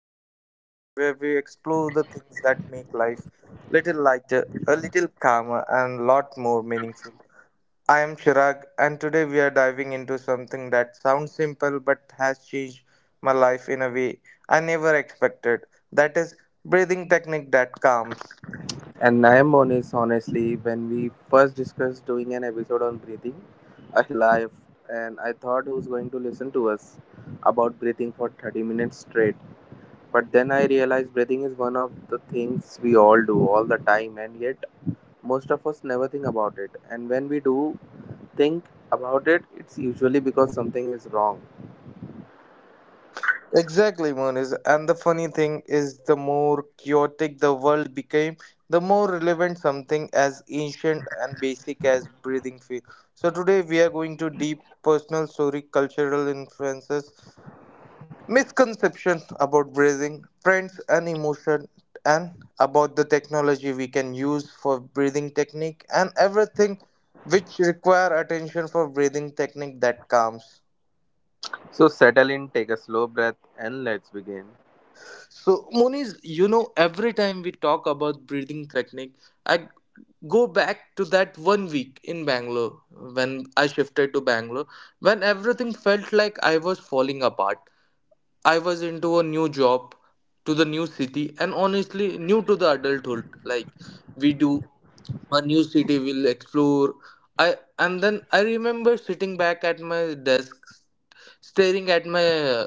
of conversation where we explore the things that make life little lighter, a little calmer, and lot more meaningful. I am Chirag, and today we are diving into something that sounds simple but has changed my life in a way I never expected. That is breathing technique that calms. And Naimon is honestly, when we first discussed doing an episode on breathing, I laughed and I thought who's going to listen to us about breathing for 30 minutes straight. But then I realized breathing is one of the things we all do all the time, and yet most of us never think about it. And when we do think about it, it's usually because something is wrong. Exactly, Monis. And the funny thing is, the more chaotic the world became, the more relevant something as ancient and basic as breathing feel. So today we are going to deep personal story, cultural influences, misconception about breathing, trends and emotion, and about the technology we can use for breathing technique and everything which require attention for breathing technique that calms. So settle in, take a slow breath, and let's begin. So, Moniz, every time we talk about breathing technique, I go back to that 1 week in Bangalore when I shifted to Bangalore, when everything felt like I was falling apart. I was into a new job, to the new city, and honestly, new to the adulthood. Like, we do a new city, we'll explore. I and then I remember sitting back at my desk, staring at my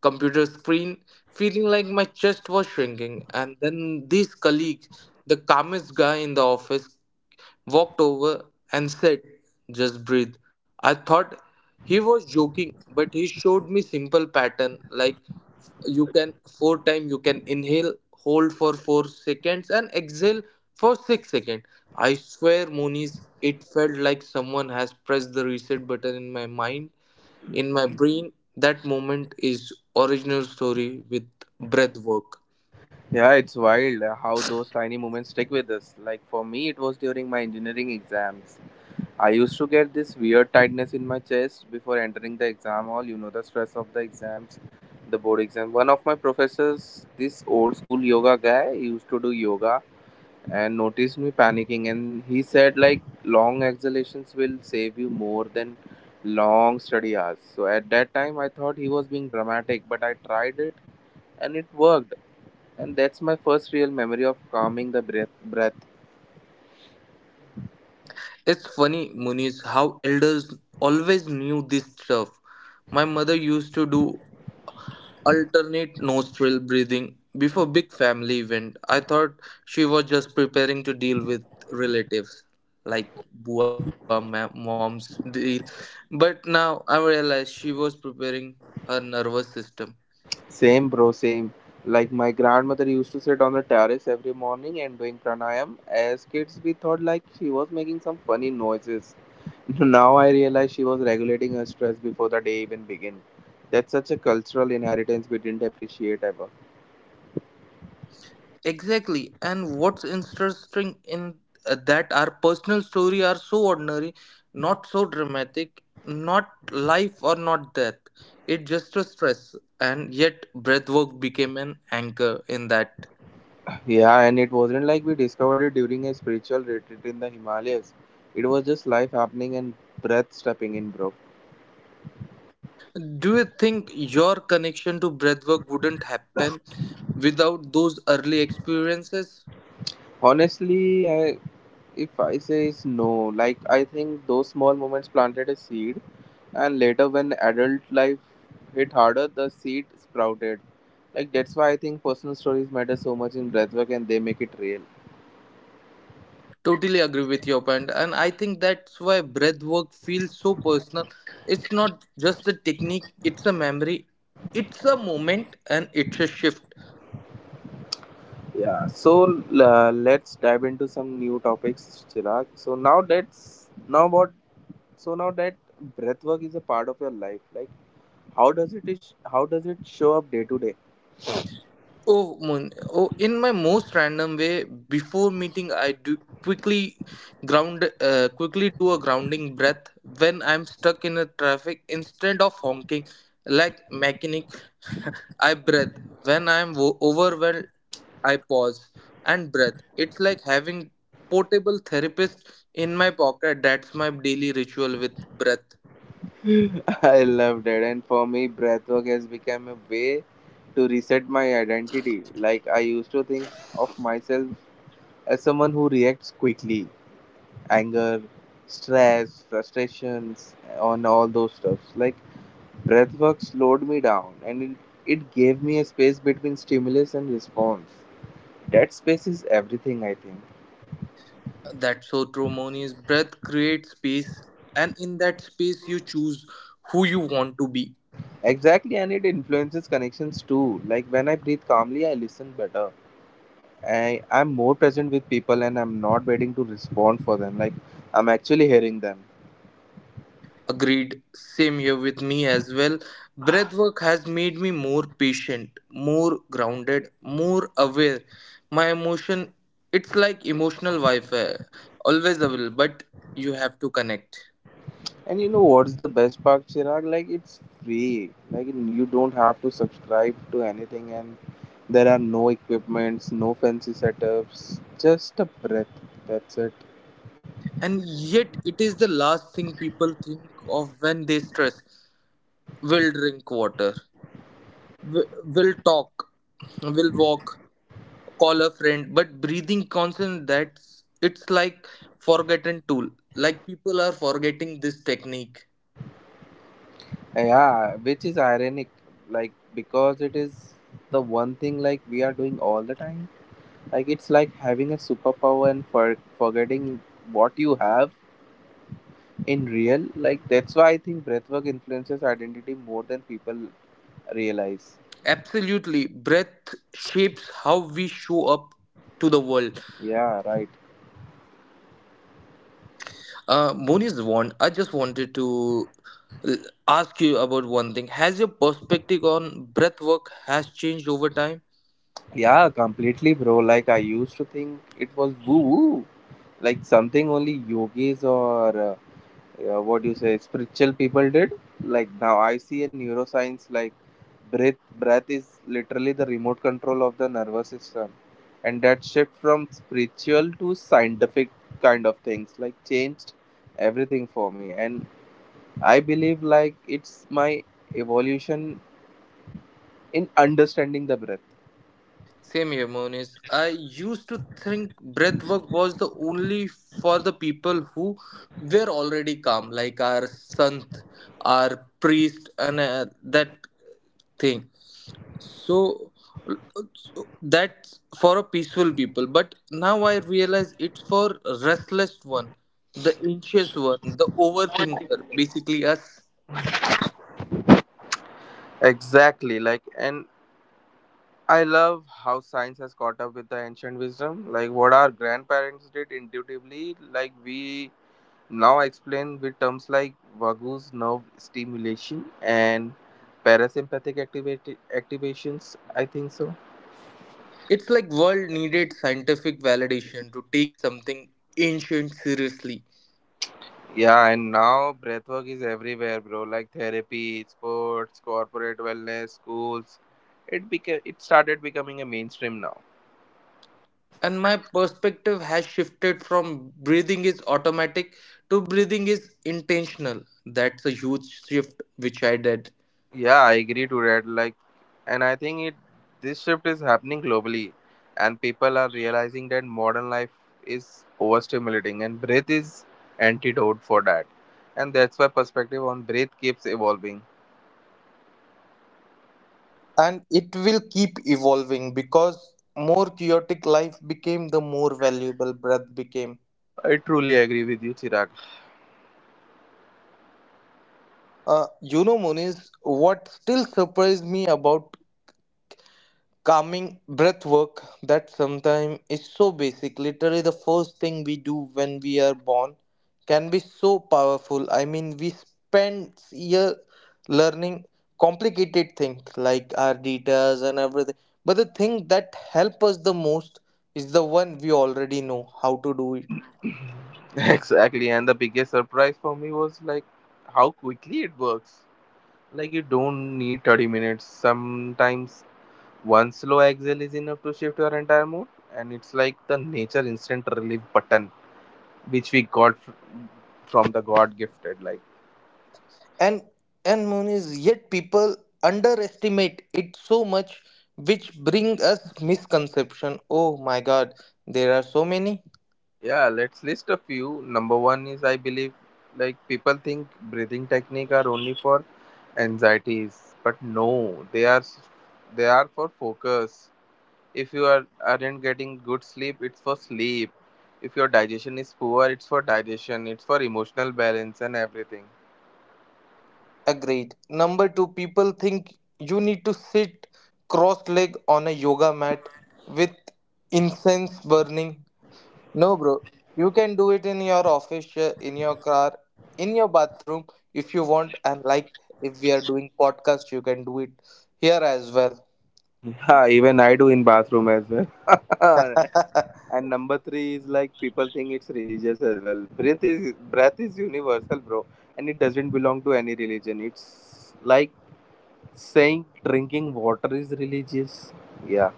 computer screen, feeling like my chest was shrinking. And then this colleague, the calmest guy in the office, walked over and said, "Just breathe." I thought he was joking, but he showed me simple pattern like you can four time you can inhale, hold for 4 seconds, and exhale for 6 seconds. I swear, Moniz, it felt like someone has pressed the reset button in my mind in my brain. That moment is original story with breath work. Yeah, it's wild how those tiny moments stick with us. Like for me, it was during my engineering exams. I used to get this weird tightness in my chest before entering the exam hall. You know, the stress of the exams, the board exam. One of my professors, this old school yoga guy, used to do yoga and noticed me panicking. And he said, like, long exhalations will save you more than long study hours. So at that time, I thought he was being dramatic, but I tried it and it worked. And that's my first real memory of calming the breath. It's funny, Muniz, how elders always knew this stuff. My mother used to do alternate nostril breathing before big family event. I thought she was just preparing to deal with relatives like mom's deal. But now I realize she was preparing her nervous system. Same, bro, same. Like my grandmother used to sit on the terrace every morning and doing pranayam. As kids, we thought like she was making some funny noises. Now I realize she was regulating her stress before the day even began. That's such a cultural inheritance we didn't appreciate ever. Exactly. And what's interesting in that our personal story are so ordinary, not so dramatic, not life or not death. It just a stress, and yet breathwork became an anchor in that. Yeah, and it wasn't like we discovered it during a spiritual retreat in the Himalayas. It was just life happening and breath stepping in, bro. Do you think your connection to breathwork wouldn't happen without those early experiences? Honestly, I, if I say is no, like I think those small moments planted a seed, and later when adult life hit harder, the seed sprouted. Like that's why I think personal stories matter so much in breathwork, and they make it real. Totally agree with your point, and I think that's why breath work feels so personal. It's not just a technique, it's a memory, it's a moment, and it's a shift. Yeah. So let's dive into some new topics, Chirag. So now that's now what. So now that breathwork is a part of your life, like how does it show up day to day? Oh, mon! Oh, in my most random way, before meeting, I do quickly quickly do a grounding breath when I'm stuck in a traffic. Instead of honking like mechanic, I breathe. When I'm overwhelmed, I pause and breathe. It's like having portable therapist in my pocket. That's my daily ritual with breath. I loved it, and for me, breathwork has become a way to reset my identity. Like I used to think of myself as someone who reacts quickly, anger, stress, frustrations, on all those stuffs. Like breathwork slowed me down, and it gave me a space between stimulus and response. That space is everything, I think. That's so true, Moni's breath creates space, and in that space, you choose who you want to be. Exactly, and it influences connections too. Like when I breathe calmly, I listen better. I'm more present with people and I'm not waiting to respond for them. Like I'm actually hearing them. Agreed. Same here with me as well. Breathwork has made me more patient, more grounded, more aware. My emotion, it's like emotional Wi-Fi, always available, but you have to connect. And you know what's the best part, Chirag? Like it's free. Like you don't have to subscribe to anything, and there are no equipments, no fancy setups, just a breath. That's it. And yet, it is the last thing people think of when they stress. Will drink water. Will will talk. Will walk call a friend, but breathing constant, that's it's like forgotten tool. Like people are forgetting this technique. Yeah, which is ironic, like because it is the one thing like we are doing all the time. Like it's like having a superpower and for forgetting what you have in real. Like that's why I think breathwork influences identity more than people realize. Absolutely breath shapes how we show up to the world. Yeah, right. Moni's want I just wanted to l- ask you about one thing. Has your perspective on breath work has changed over time? Yeah, completely, bro. Like I used to think it was woo woo, like something only yogis or what do you say spiritual people did. Like now I see a neuroscience. Like breath is literally the remote control of the nervous system, and that shift from spiritual to scientific kind of things like changed everything for me, and I believe like it's my evolution in understanding the breath. Same here, Monis. I used to think breathwork was the only for the people who were already calm, like our sant, our priest, and that thing. So, so that's for a peaceful people. But now I realize it's for restless one, the anxious one, the overthinker, basically us. Exactly, like and I love how science has caught up with the ancient wisdom. Like what our grandparents did intuitively, like we now explain with terms like vagus nerve stimulation and parasympathetic activations. I think so. It's like world needed scientific validation to take something ancient seriously. Yeah, and now breathwork is everywhere, bro. Like therapy, sports, corporate wellness, schools. It started becoming a mainstream now. And my perspective has shifted from breathing is automatic to breathing is intentional. That's a huge shift which I did. Yeah, I agree to that. Like, and I think it this shift is happening globally, and people are realizing that modern life is overstimulating, and breath is antidote for that. And that's why perspective on breath keeps evolving. And it will keep evolving because more chaotic life became, the more valuable breath became. I truly agree with you, Chirag. You know, Moniz, what still surprised me about calming breath work, that sometimes is so basic, literally the first thing we do when we are born, can be so powerful. I mean, we spend year learning complicated things like our details and everything, but the thing that help us the most is the one we already know how to do it. Exactly, and the biggest surprise for me was like how quickly it works. Like you don't need 30 minutes. Sometimes one slow exhale is enough to shift your entire mood, and it's like the nature instant relief button which we got from the God gifted. Like And and moon is, yet people underestimate it so much, which bring us misconception. Oh my god, there are so many. yeah, let's list a few. Number one is I believe like people think breathing technique are only for anxieties, but no, they are for focus. If you are, aren't getting good sleep, it's for sleep. If your digestion is poor, it's for digestion. It's for emotional balance and everything. Agreed. Number two, people think you need to sit cross legged on a yoga mat with incense burning. No, bro. You can do it in your office, chair, in your car, in your bathroom if you want. And like if we are doing podcast, you can do it here as well. Yeah, even I do in bathroom as well. And number three is like people think it's religious as well. Breath is universal, bro, and it doesn't belong to any religion. It's like saying drinking water is religious. Yeah,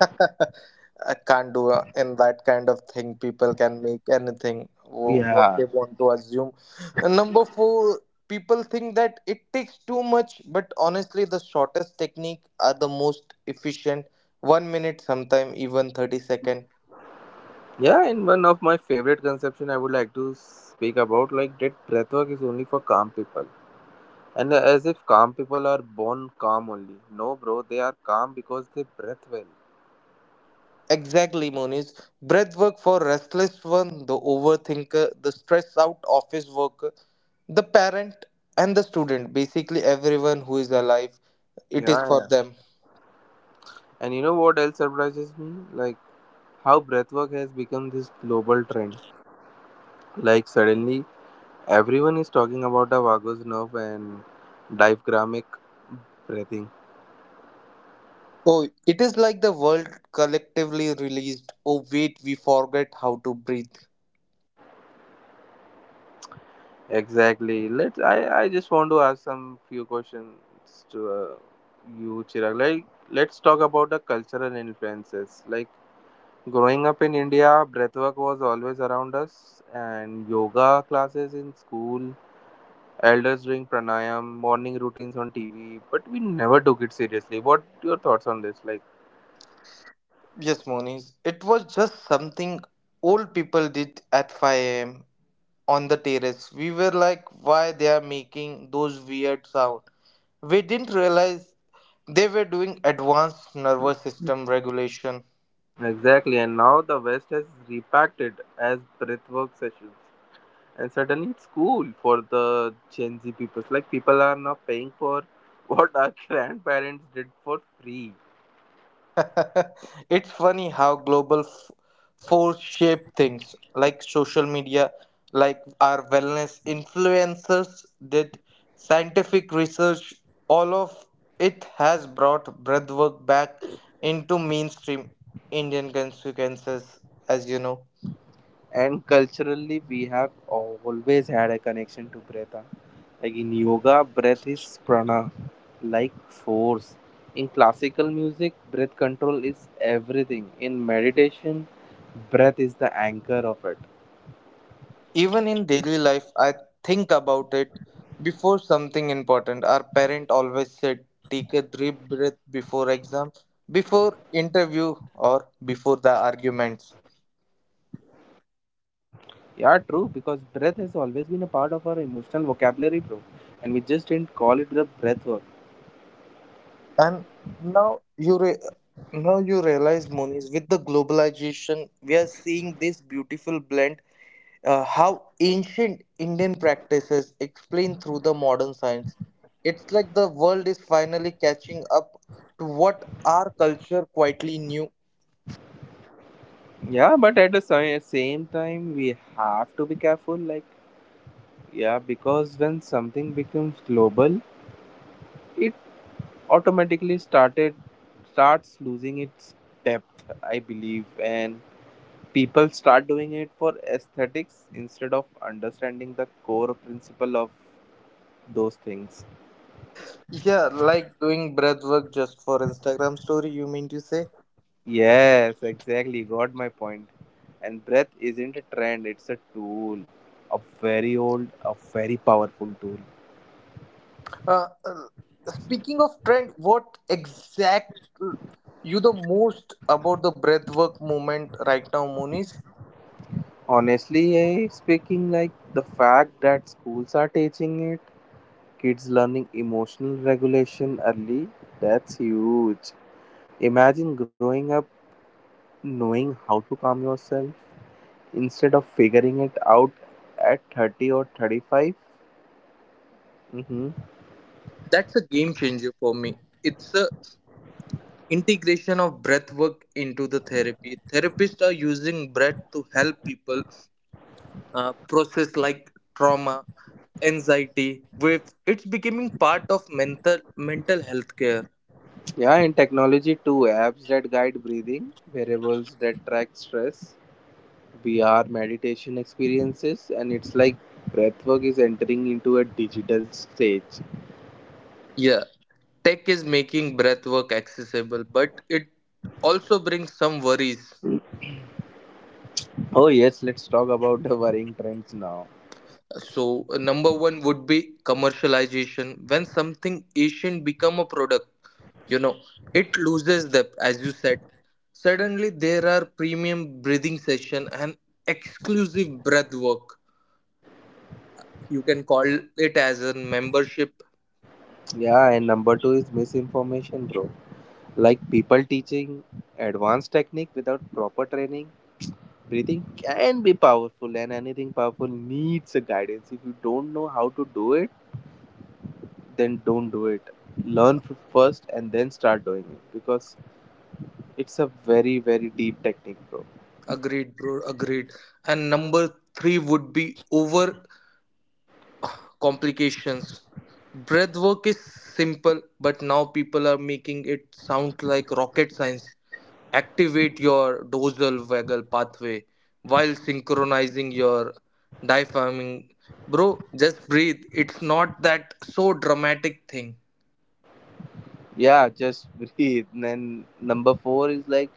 I can't do in that kind of thing. People can make anything what yeah, they want to assume. And number four, people think that it takes too much, but honestly, the shortest technique are the most efficient. 1 minute, sometime even thirty second. yeah. And one of my favorite conception I would like to speak about like that breath work is only for calm people. And as if calm people are born calm only. No, bro, they are calm because they breath well. Exactly, Moniz. Breath work for restless one, the overthinker, the stressed out office worker, the parent, and the student. Basically, everyone who is alive, it is Yeah, for yeah. them. And you know what else surprises me? Like how breathwork has become this global trend. Like suddenly everyone is talking about the vagus nerve and diaphragmatic breathing. Oh, it is like the world collectively released, "Oh, wait, we forget how to breathe." Exactly. Let I just want to ask some few questions to you, Chirag. Like let's talk about the cultural influences. Like growing up in India, breathwork was always around us, and yoga classes in school, elders doing pranayam, morning routines on TV, but we never took it seriously. What your thoughts on this? Like Yes, Moniz. It was just something old people did at 5 a.m. on the terrace. We were like, why they are making those weird sound? We didn't realize they were doing advanced nervous system regulation. exactly, and now the West has repacked it as breathwork sessions, and suddenly it's cool for the Gen Z people. Like people are now paying for what our grandparents did for free. It's funny how global force shape things, like social media, like our wellness influencers did, scientific research, all of it has brought breathwork back into mainstream Indian consequences, as you know. And culturally we have always had a connection to breath. Like in yoga breath is prana, like force. In classical music breath control is everything. In meditation breath is the anchor of it. Even in daily life, I think about it before something important. Our parent always said, take a deep breath before exam, before interview, or before the arguments. Yeah, true, because breath has always been a part of our emotional vocabulary, bro, and we just didn't call it the breath work. And now you now you realize, Moniz, with the globalization, we are seeing this beautiful blend. How ancient Indian practices explained through the modern science. It's like the world is finally catching up to what our culture quietly knew. Yeah, but at the same time we have to be careful, like yeah, because when something becomes global, it. Automatically started starts losing its depth, I believe, and people start doing it for aesthetics instead of understanding the core principle of those things. Yeah, like doing breath work just for Instagram story. You mean to say? Yes, exactly. Got my point. And breath isn't a trend, it's a tool. A very old, a very powerful tool. Uh, uh, Speaking of trend, what exact you the most about the breathwork movement right now, Moniz? Honestly, eh, speaking, like the fact that schools are teaching it, kids learning emotional regulation early, that's huge. Imagine growing up knowing how to calm yourself instead of figuring it out at 30 or 35. Mm-hmm. That's a game changer for me. It's a integration of breathwork into the therapy. Therapists are using breath to help people process like trauma, anxiety. With it's becoming part of mental health care. Yeah, and technology too. Apps that guide breathing, variables that track stress, VR meditation experiences, and it's like breathwork is entering into a digital stage. Yeah, tech is making breathwork accessible, but it also brings some worries. Oh yes, let's talk about the worrying trends now. So, number one would be commercialization. When something ancient become a product, you know, it loses depth, as you said. Suddenly, there are premium breathing session and exclusive breath work. You can call it as a membership. Yeah, and number two is misinformation, bro. Like people teaching advanced technique without proper training. Breathing can be powerful, and anything powerful needs a guidance. If you don't know how to do it, then don't do it. Learn first and then start doing it, because it's a very, very deep technique, bro. Agreed, bro. Agreed. And number three would be over complications. Breath work is simple, but now people are making it sound like rocket science. Activate your dorsal vagal pathway while synchronizing your diaphragm. Bro, just breathe. It's not that so dramatic thing, Yeah, just breathe. And then number four is like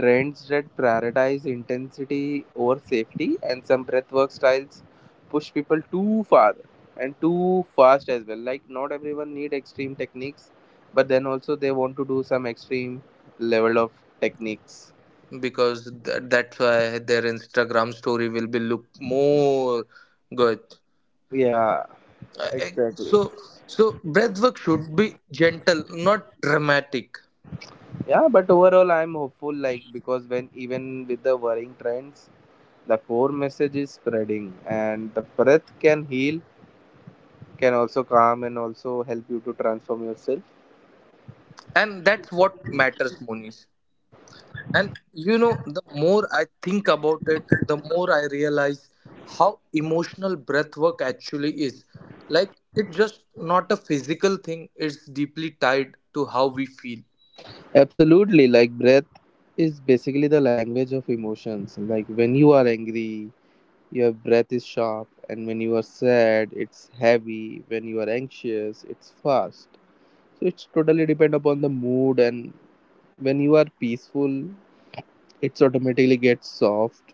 trends that prioritize intensity over safety, and some breathwork styles push people too far and too fast as well. Like not everyone need extreme techniques, but then also they want to do some extreme level of techniques. because that's why their Instagram story will be look more good. Yeah, Uh, uh, exactly. So, so breathwork should be gentle, not dramatic. Yeah, but overall, I'm hopeful. Like because when even with the worrying trends, the core message is spreading, and the breath can heal, can also calm, and also help you to transform yourself. And that's what matters, Monish. And you know, the more I think about it, the more I realize how emotional breath work actually is. Like it's just not a physical thing, it's deeply tied to how we feel. Absolutely, like breath is basically the language of emotions. Like when you are angry, your breath is sharp, and when you are sad, it's heavy. When you are anxious, it's fast. So it's totally depend upon the mood, and when you are peaceful, it's automatically gets soft.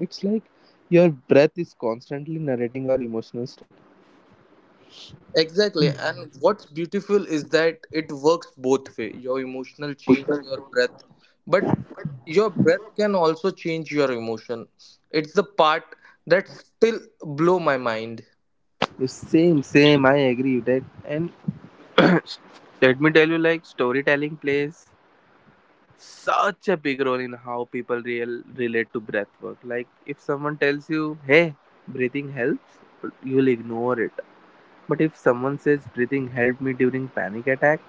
It's like your breath is constantly narrating your emotional state. Exactly, and what's beautiful is that it works both way. Your emotional change your breath, but your breath can also change your emotion. It's the part that still blow my mind. The same, same. I agree with that. And let me tell you, like storytelling plays such a big role in how people real relate to breath work. Like if someone tells you, "Hey, breathing helps," you'll ignore it. But if someone says, "Breathing helped me during panic attack,"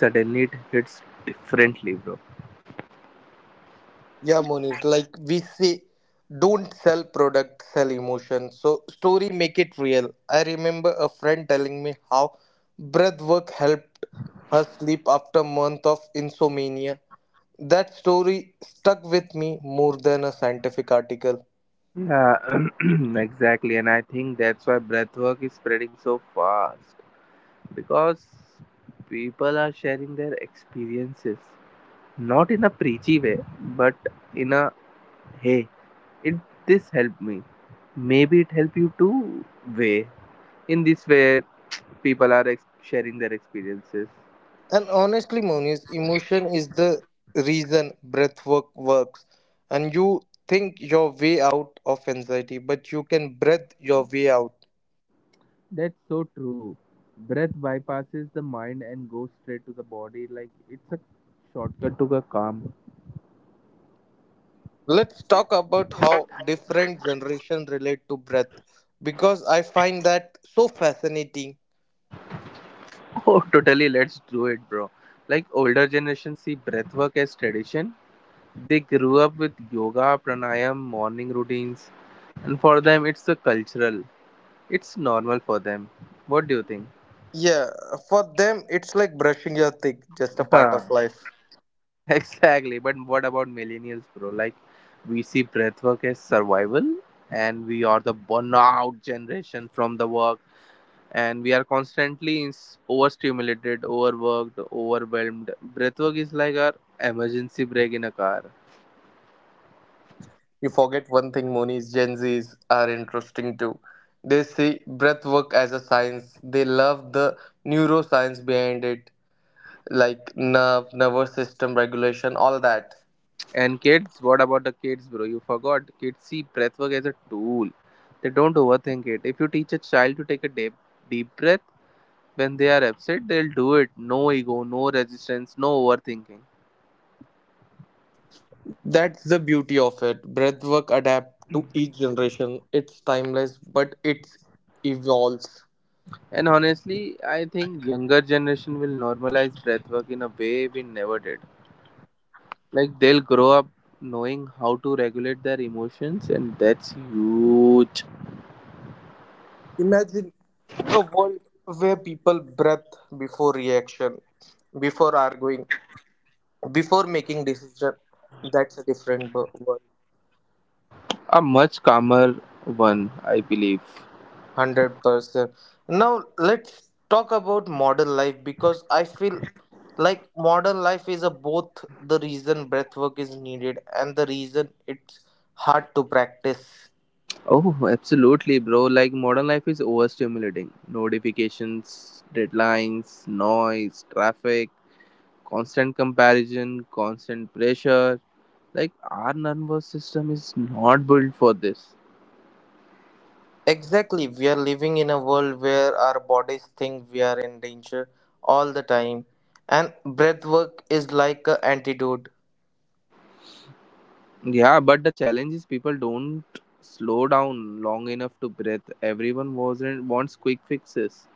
suddenly it hits differently, bro. Yeah, Moniz, like we say, don't sell product, sell emotion. So story make it real. I remember a friend telling me how breath work helped her sleep after month of insomnia. That story stuck with me more than a scientific article. Yeah, exactly. And I think that's why breathwork is spreading so fast because people are sharing their experiences, not in a preachy way, but in a hey, it this helped me, maybe it helped you too way, in this way people are sharing their experiences. And honestly, Moniz, emotion is the reason breath work works. And you think your way out of anxiety, but you can breath your way out. That's so true. Breath bypasses the mind and goes straight to the body, like it's a shortcut to the calm. Let's talk about how different generations relate to breath because I find that so fascinating. Oh totally, let's do it, bro. Like older generations see breathwork as tradition. They grew up with yoga, pranayam, morning routines, and for them it's a cultural, it's normal for them. What do you think? Yeah, for them, it's like brushing your teeth, just a part of life. Exactly, but what about millennials, bro? Like, we see breathwork as survival, and we are the burnout generation from the work, and we are constantly overstimulated, overworked, overwhelmed. Breathwork is like our emergency break in a car. You forget one thing, Monis. Gen Zs are interesting too. They see breath work as a science, they love the neuroscience behind it, like nervous system regulation, all that. And kids, what about the kids, bro? You forgot. Kids see breathwork as a tool. They don't overthink it. If you teach a child to take a deep, deep breath when they are upset, they'll do it. No ego, no resistance, no overthinking. That's the beauty of it. Breathwork adapt to each generation. It's timeless, but it evolves. And honestly, I think younger generation will normalize breathwork in a way we never did. Like they'll grow up knowing how to regulate their emotions, and that's huge. Imagine a world where people breath before reaction, before arguing, before making decision. That's a different world. A much calmer one, I believe. 100%. Now let's talk about modern life because I feel like modern life is a both the reason breathwork is needed and the reason it's hard to practice. Oh, absolutely, bro. Like modern life is overstimulating. Notifications, deadlines, noise, traffic, constant comparison, constant pressure. Like our nervous system is not built for this. Exactly, we are living in a world where our bodies think we are in danger all the time, and breath work is like an antidote. Yeah, but the challenge is people don't slow down long enough to breathe. Everyone wasn't wants quick fixes.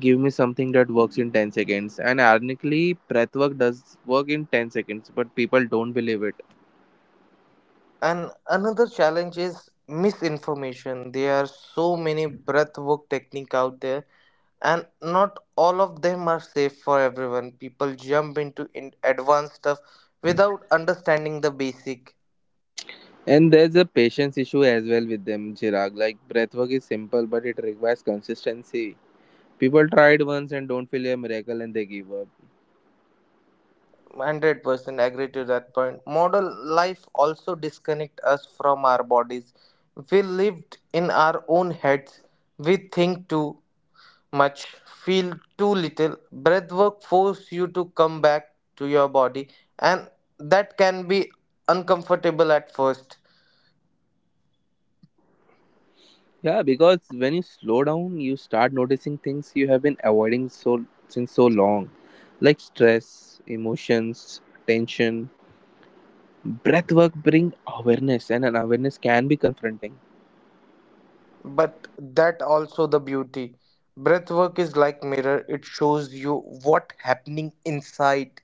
Give me something that works in 10 seconds. And ironically, breath work does work in 10 seconds, but people don't believe it. And another challenge is misinformation. There are so many breathwork techniques out there, and not all of them are safe for everyone. People jump into in advanced stuff without understanding the basic. And there's a patience issue as well with them, Chirag. Like breath work is simple, but it requires consistency. People try it once and don't feel a miracle and they give up. 100% agree to that point. Model life also disconnect us from our bodies. We lived in our own heads. We think too much, feel too little. Breathwork force you to come back to your body, and that can be uncomfortable at first. Yeah, because when you slow down, you start noticing things you have been avoiding so since so long, like stress, emotions, tension. Breath work bring awareness, and an awareness can be confronting. But that also the beauty. Breathwork is like mirror. It shows you what happening inside.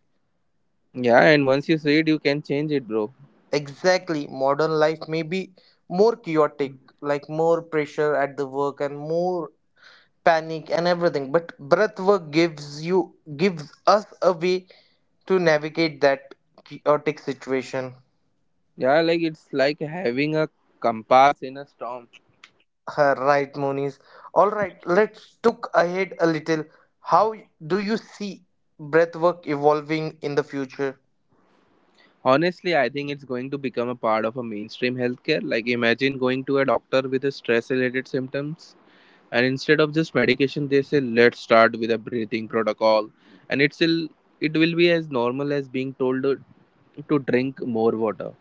Yeah, and once you see it, you can change it, bro. Exactly. Modern life may be more chaotic, like more pressure at the work and more panic and everything. But breath work gives us a way to navigate that chaotic situation. Yeah, like it's like having a compass in a storm. Right, Moniz. All right, let's look ahead a little. How do you see breathwork evolving in the future? Honestly, I think it's going to become a part of a mainstream healthcare. Like imagine going to a doctor with a stress-related symptoms, and instead of just medication they say, let's start with a breathing protocol, and it will be as normal as being told to drink more water.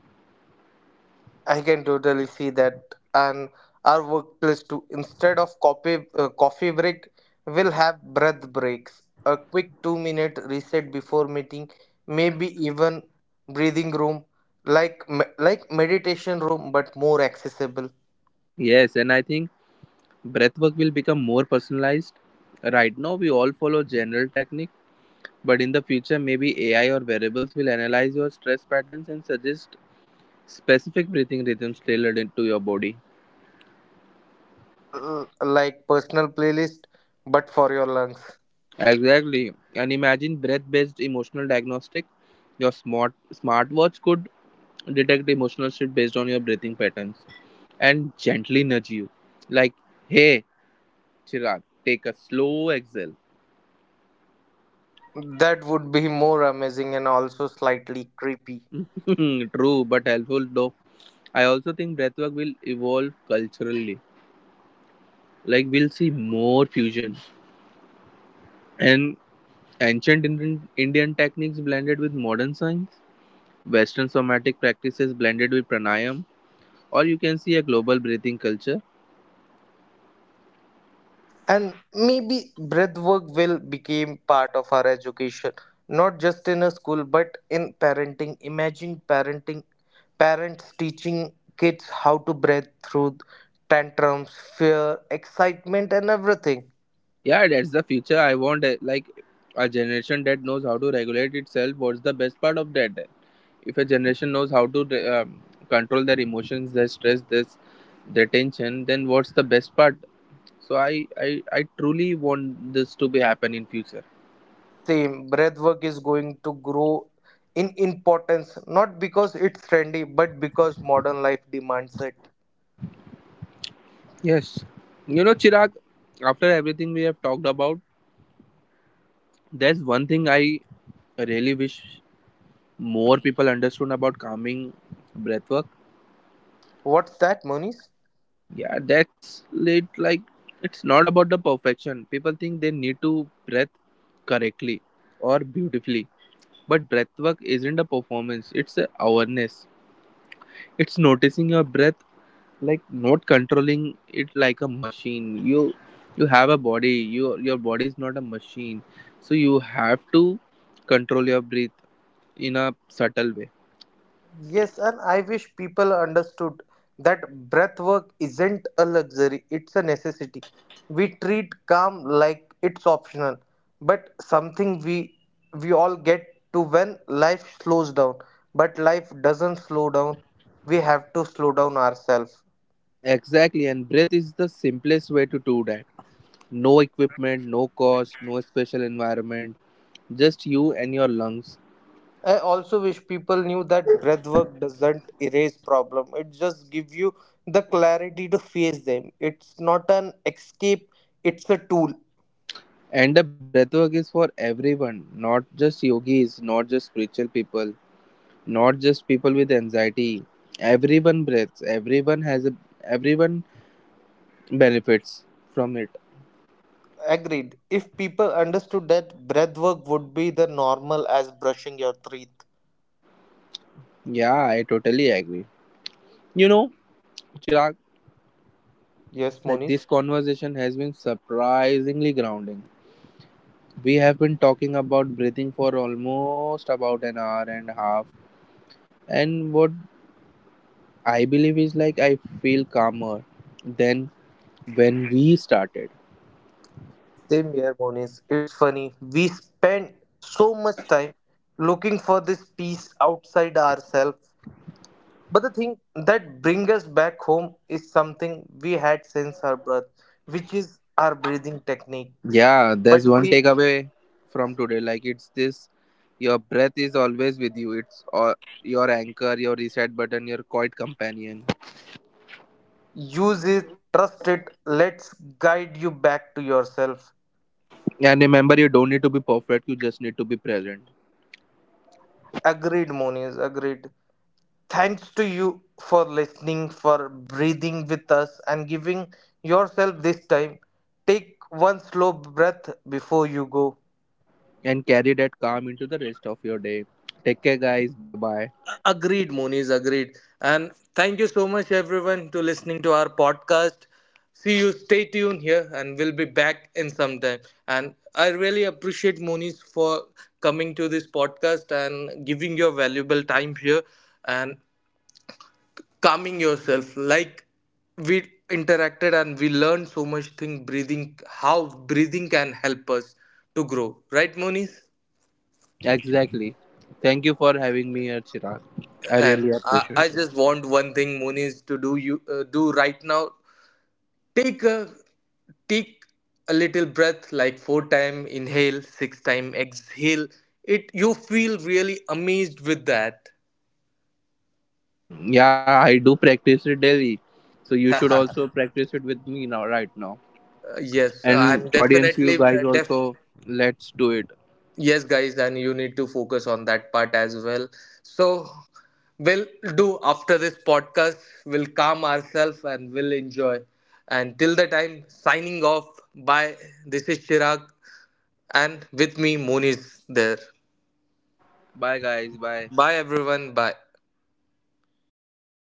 I can totally see that, and our workplace too. Instead of coffee break, we'll have breath breaks, a quick 2 minute reset before meeting, maybe even breathing room, like meditation room but more accessible, Yes, and I think breath work will become more personalized. Right now we all follow general technique, but in the future maybe AI or variables will analyze your stress patterns and suggest specific breathing rhythms tailored into your body. and like personal playlist but for your lungs. Exactly, and imagine breath based emotional diagnostic. Your smartwatch could detect emotional shit based on your breathing patterns and gently nudge you. Like, hey, Chirag, take a slow exhale. That would be more amazing and also slightly creepy. True, but helpful though. I also think breathwork will evolve culturally. Like, we'll see more fusion and ancient Indian techniques blended with modern science, Western somatic practices blended with pranayam, or you can see a global breathing culture. And maybe breathwork will become part of our education, not just in a school, but in parenting. Imagine parents teaching kids how to breathe through tantrums, fear, excitement, and everything. Yeah, that's the future. I want like a generation that knows how to regulate itself. What's the best part of that? If a generation knows how to control their emotions, their stress, this, their tension, then what's the best part? So I truly want this to be happen in future. Same, breathwork is going to grow in importance, not because it's trendy, but because modern life demands it. Yes, you know, Chirag. After everything we have talked about, there's one thing I really wish more people understood about calming breathwork. What's that, Moniz? Yeah, that's lit. Like, it's not about the perfection. People think they need to breath correctly or beautifully. But breath work isn't a performance, it's a awareness. It's noticing your breath, like not controlling it like a machine. You have a body, your body is not a machine. So you have to control your breath in a subtle way. Yes, and I wish people understood that breath work isn't a luxury, it's a necessity. We treat calm like it's optional, but something we all get to when life slows down. But life doesn't slow down. We have to slow down ourselves. Exactly, and breath is the simplest way to do that. No equipment, no cost, no special environment. Just you and your lungs. I also wish people knew that breathwork doesn't erase problem. It just gives you the clarity to face them. It's not an escape, it's a tool. And the breathwork is for everyone, not just yogis, not just spiritual people, not just people with anxiety. Everyone breathes, everyone has a everyone benefits from it. Agreed. If people understood that breath work would be the normal as brushing your teeth. Yeah, I totally agree. You know, Chirag, Yes, like Monis. this conversation has been surprisingly grounding. We have been talking about breathing for almost about an hour and a half, and what I believe is like I feel calmer than when we started. Same here, Monis. It's funny. We spend so much time looking for this peace outside ourselves. But the thing that brings us back home is something we had since our birth, which is our breathing techniques. Yeah, But there's one we takeaway from today. Like it's this: your breath is always with you. It's all, your anchor, your reset button, your quiet companion. use it, trust it, let's guide you back to yourself. And remember, you don't need to be perfect. You just need to be present Agreed, Monis, agreed. Thanks to you for listening, for breathing with us, and giving yourself this time. Take one slow breath before you go. and carry that calm into the rest of your day. Take care, guys. Bye bye. Agreed, Moniz, agreed. And thank you so much, everyone, to listening to our podcast. See you, stay tuned here, and we'll be back in some time. And I really appreciate Moniz for coming to this podcast and giving your valuable time here. And calming yourself, like we interacted and we learned so much thing, breathing, how breathing can help us to grow, right, Moniz? Exactly. Thank you for having me here, Chirag. I And really appreciate I it. just want one thing, Moniz, to do you do right now. Take a take a little breath, like 4 time inhale, 6 time exhale. It you feel really amazed with that. Yeah, I do practice it daily. So you should also practice it with me now, right now. Yes, and And audience, definitely. you guys Def. also, let's do it. Yes, guys, and you need to focus on that part as well. So we'll do after this podcast, we'll calm ourselves and we'll enjoy. And till the time, signing off, bye. This is Chirag, and with me moon is there. Bye, guys. Bye. Bye, everyone, bye.